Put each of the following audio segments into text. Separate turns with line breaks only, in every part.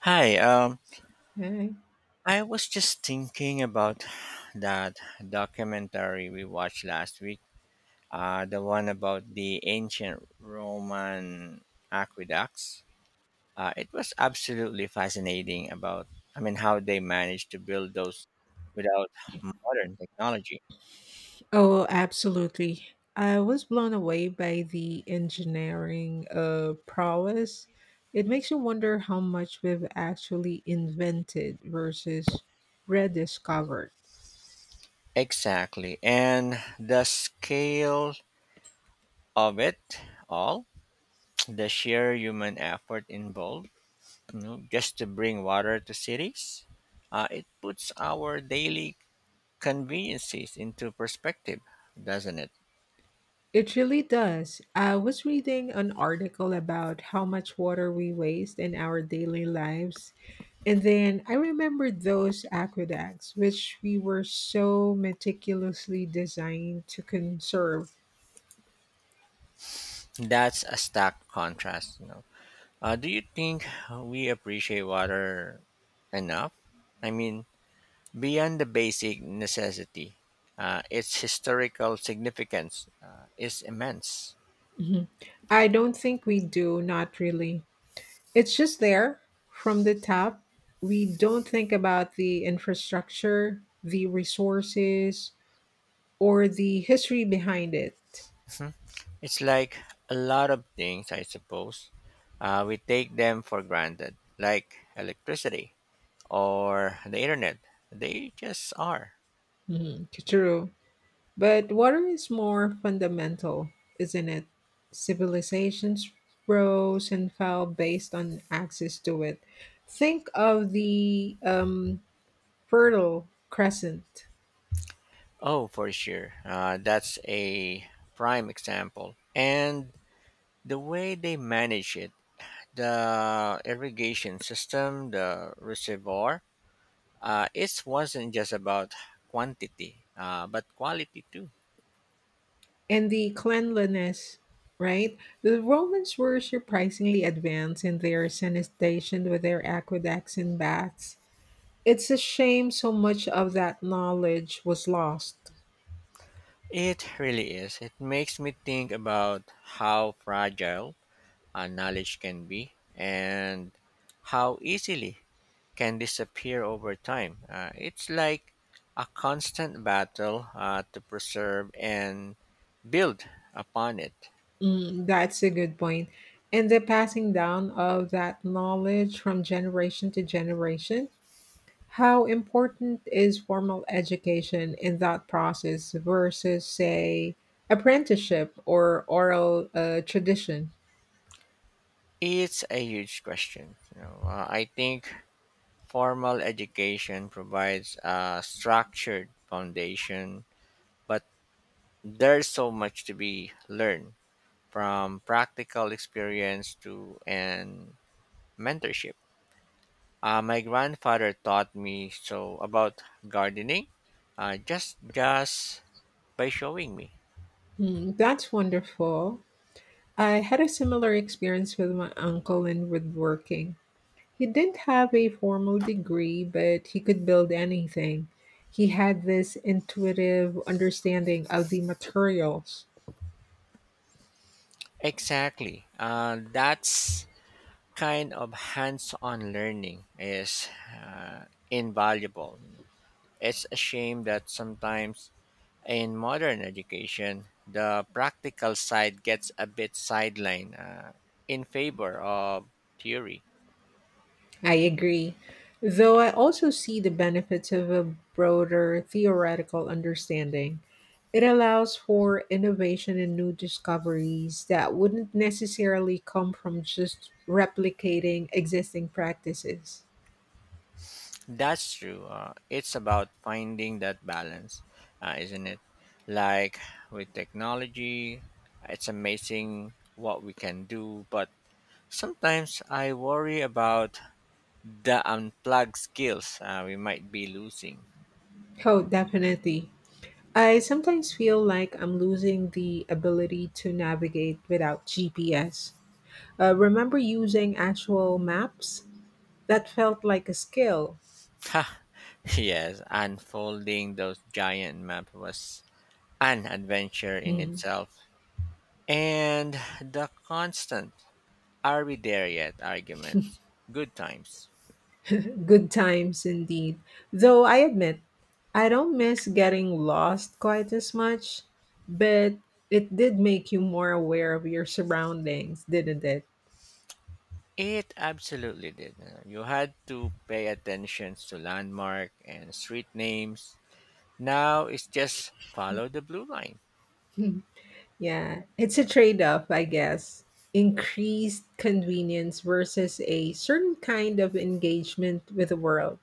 Hi,
Right.
I was just thinking about that documentary we watched last week, the one about the ancient Roman aqueducts. It was absolutely fascinating about, I mean, how they managed to build those without modern technology.
Oh, absolutely. I was blown away by the engineering prowess. It makes you wonder how much we've actually invented versus rediscovered.
Exactly. And the scale of it all, the sheer human effort involved, you know, just to bring water to cities. It puts our daily conveniences into perspective, doesn't it?
It really does. I was reading an article about how much water we waste in our daily lives, and then I remember those aqueducts, which we were so meticulously designed to conserve.
That's a stark contrast, you know. Do you think we appreciate water enough? I mean, beyond the basic necessity, its historical significance is immense.
Mhm. I don't think we do, not really. It's just there from the top. We don't think about the infrastructure, the resources, or the history behind it.
Mhm. It's like a lot of things, I suppose. We take them for granted, like electricity or the internet. They just are.
Mhm, true. But water is more fundamental, isn't it? Civilizations rose and fell based on access to it. Think of the Fertile Crescent.
Oh, for sure. That's a prime example. And the way they manage it, the irrigation system, the reservoir, it wasn't just about quantity, but quality too.
And the cleanliness, right? The Romans were surprisingly advanced in their sanitation with their aqueducts and baths. It's a shame so much of that knowledge was lost.
It really is. It makes me think about how fragile knowledge can be and how easily can disappear over time. It's like a constant battle to preserve and build upon it.
Mm, that's a good point. And the passing down of that knowledge from generation to generation, how important is formal education in that process versus, say, apprenticeship or oral tradition?
It's a huge question. You know, I think formal education provides a structured foundation, but there's so much to be learned from practical experience to and mentorship. My grandfather taught me so about gardening, just by showing me.
Hmm, that's wonderful. I had a similar experience with my uncle in woodworking. He didn't have a formal degree, but he could build anything. He had this intuitive understanding of the materials.
Exactly. That's kind of hands-on learning is invaluable. It's a shame that sometimes in modern education, the practical side gets a bit sidelined in favor of theory.
I agree. Though I also see the benefits of a broader theoretical understanding. It allows for innovation and new discoveries that wouldn't necessarily come from just replicating existing practices.
That's true. It's about finding that balance, isn't it? Like with technology, it's amazing what we can do, but sometimes I worry about the unplugged skills we might be losing.
Oh, definitely. I sometimes feel like I'm losing the ability to navigate without GPS. Remember using actual maps? That felt like a skill.
Ha, yes, unfolding those giant maps was an adventure in
Hmm.
itself. And the constant, are we there yet arguments, good times.
Good times indeed. Though I admit, I don't miss getting lost quite as much, but it did make you more aware of your surroundings, didn't it?
It absolutely did. You had to pay attention to landmark and street names. Now it's just follow the blue line.
Yeah, it's a trade off, I guess. Increased convenience versus a certain kind of engagement with the world.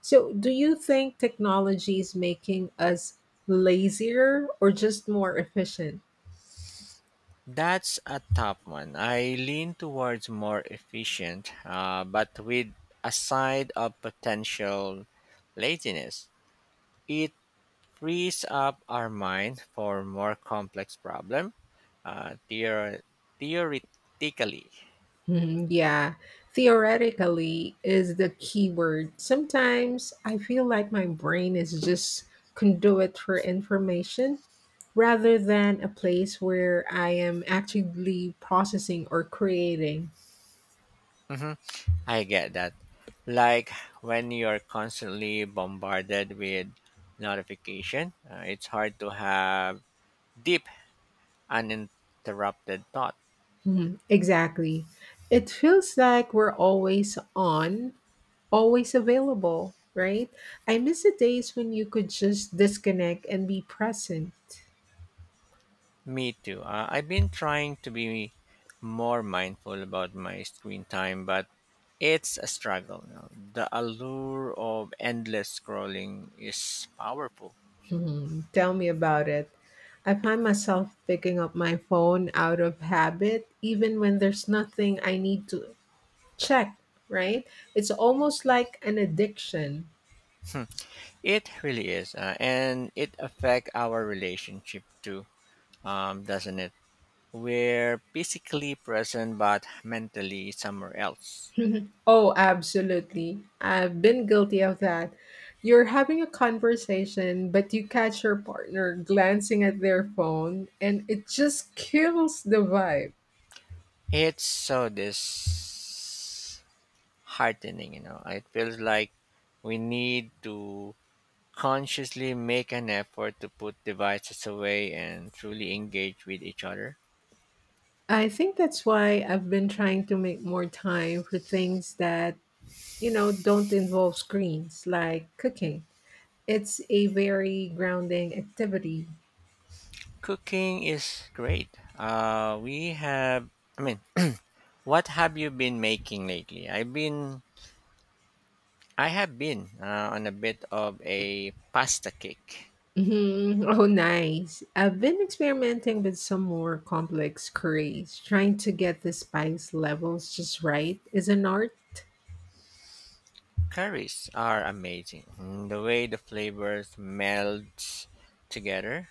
So, do you think technology is making us lazier or just more efficient?
That's a tough one. I lean towards more efficient, but with a side of potential laziness. It frees up our mind for more complex problem, uh, theor- theoretically.
Hmm, yeah, theoretically is the key word. Sometimes I feel like my brain is just conduit for information rather than a place where I am actively processing or creating.
Mhm. I get that. Like when you're constantly bombarded with notification, it's hard to have deep, uninterrupted thought.
Mhm, exactly. It feels like we're always on, always available, right? I miss the days when you could just disconnect and be present.
Me too. I've been trying to be more mindful about my screen time, but it's a struggle now. The allure of endless scrolling is powerful.
Hmm, tell me about it. I find myself picking up my phone out of habit, even when there's nothing I need to check, right? It's almost like an addiction.
It really is, and it affects our relationship too, doesn't it? We're physically present but mentally somewhere else.
Mhm. Oh, absolutely. I've been guilty of that. You're having a conversation, but you catch your partner glancing at their phone, and it just kills the vibe.
It's so disheartening, you know. It feels like we need to consciously make an effort to put devices away and truly engage with each other.
I think that's why I've been trying to make more time for things that, don't involve screens, like cooking. It's a very grounding activity.
Cooking is great. Uh, we have, I mean, what have you been making lately? I have been on a bit of a pasta kick.
Mhm. Oh, nice. I've been experimenting with some more complex curries. Trying to get the spice levels just right is an art.
Curries are amazing. Mm, the way the flavors meld together.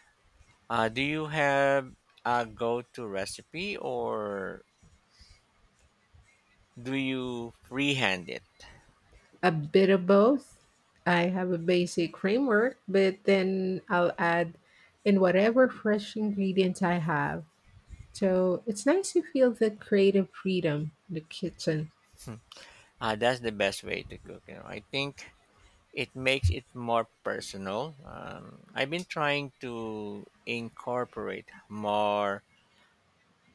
Do you have a go-to recipe or do you freehand it?
A bit of both. I have a basic framework, but then I'll add in whatever fresh ingredients I have. So it's nice to feel the creative freedom in the kitchen.
That's the best way to cook. You know, I think it makes it more personal. I've been trying to incorporate more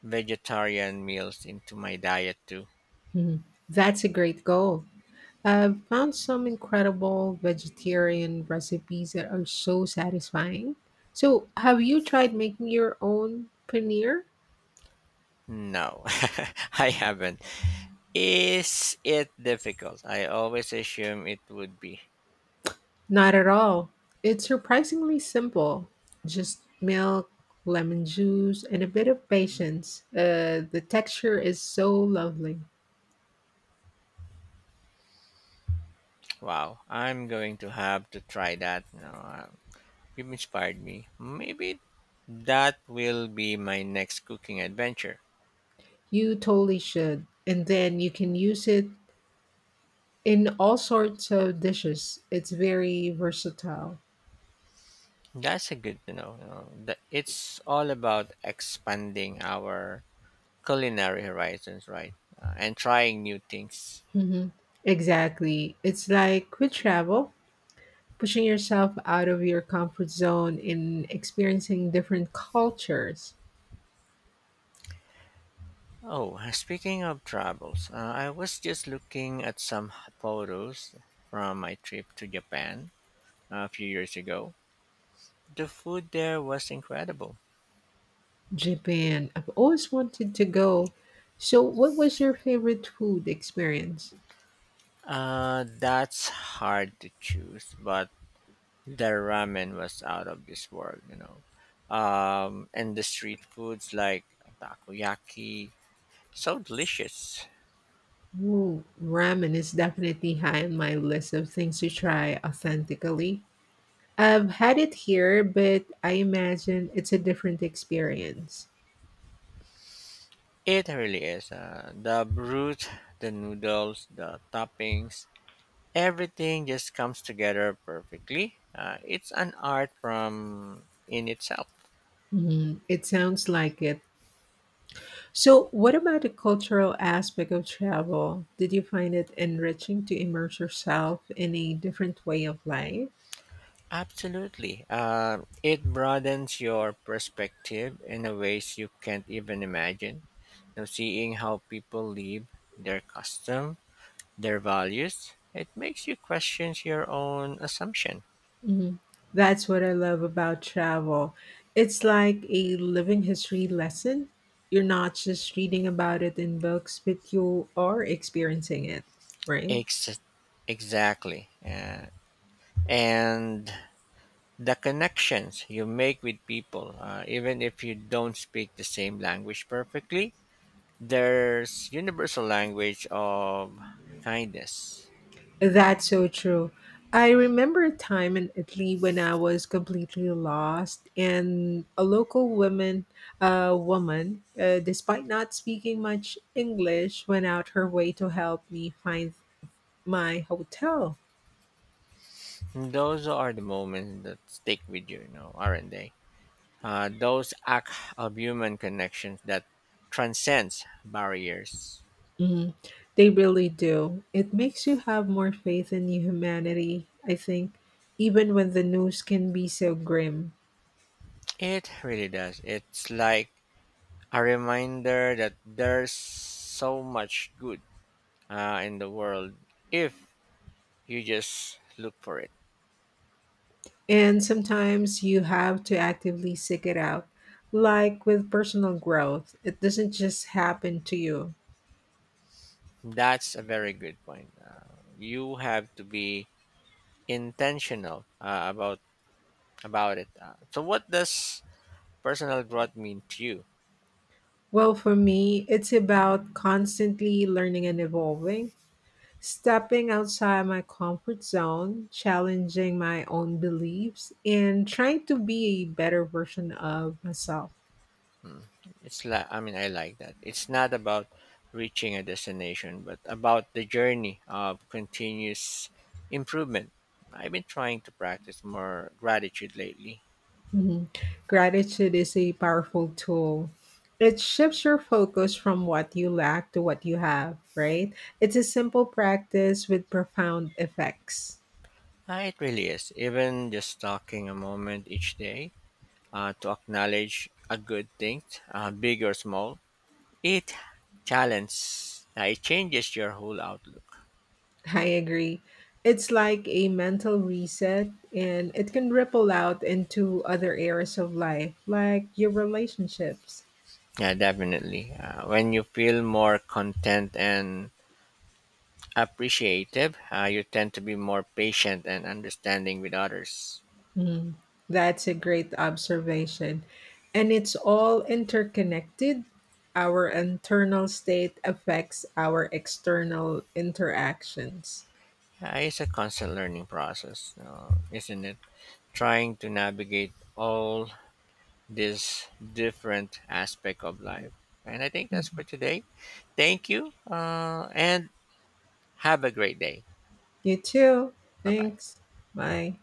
vegetarian meals into my diet too.
Mhm. That's a great goal. I've found some incredible vegetarian recipes that are so satisfying. So, have you tried making your own paneer?
No, I haven't. Is it difficult? I always assume it would be.
Not at all. It's surprisingly simple. Just milk, lemon juice, and a bit of patience. The texture is so lovely.
Wow, I'm going to have to try that. No, you've inspired me. Maybe that will be my next cooking adventure.
You totally should. And then you can use it in all sorts of dishes. It's very versatile.
That's a good to know, you know, that it's all about expanding our culinary horizons, right? And trying new things.
Hmm. Exactly. It's like with travel, pushing yourself out of your comfort zone in experiencing different cultures.
Oh, speaking of travels, I was just looking at some photos from my trip to Japan a few years ago. The food there was incredible.
Japan, I've always wanted to go. So, what was your favorite food experience?
That's hard to choose, but the ramen was out of this world, you know. And the street foods like takoyaki, so delicious.
Ooh, ramen is definitely high on my list of things to try authentically. I've had it here, but I imagine it's a different experience.
It really is. The broth, the noodles, the toppings, everything just comes together perfectly. It's an art from in itself.
Mhm, it sounds like it. So, what about the cultural aspect of travel? Did you find it enriching to immerse yourself in a different way of life?
Absolutely. It broadens your perspective in a ways you can't even imagine. Now, seeing how people live, their custom, their values, it makes you question your own assumption.
Mhm. That's what I love about travel. It's like a living history lesson. You're not just reading about it in books, but you are experiencing it, right?
Ex- exactly. And the connections you make with people, even if you don't speak the same language perfectly. There's universal language of kindness.
That's so true. I remember a time in Italy when I was completely lost, and a local woman, uh, despite not speaking much English, went out her way to help me find my hotel.
Those are the moments that stick with you, you know, aren't they? Those acts of human connections that transcends barriers.
Mhm. They really do. It makes you have more faith in your humanity, I think, even when the news can be so grim.
It really does. It's like a reminder that there's so much good in the world if you just look for it.
And sometimes you have to actively seek it out. Like with personal growth, it doesn't just happen to you.
That's a very good point. You have to be intentional about it. So what does personal growth mean to you?
Well, for me, it's about constantly learning and evolving, stepping outside my comfort zone, challenging my own beliefs, and trying to be a better version of myself.
It's like, I mean, I like that it's not about reaching a destination but about the journey of continuous improvement. I've been trying to practice more gratitude lately.
Mhm. Gratitude is a powerful tool. It shifts your focus from what you lack to what you have, right? It's a simple practice with profound effects.
Ah, it really is, even just talking a moment each day to acknowledge a good thing, big or small. It challenges, it changes your whole outlook.
I agree. It's like a mental reset and it can ripple out into other areas of life, like your relationships.
Yeah, definitely. When you feel more content and appreciative, you tend to be more patient and understanding with others.
Mm, that's a great observation. And it's all interconnected. Our internal state affects our external interactions.
It's a constant learning process, isn't it? Trying to navigate all these different aspects of life. And I think that's for
Mhm.
today. Thank you, and have a great day.
You too.
Bye bye.
Thanks. Bye.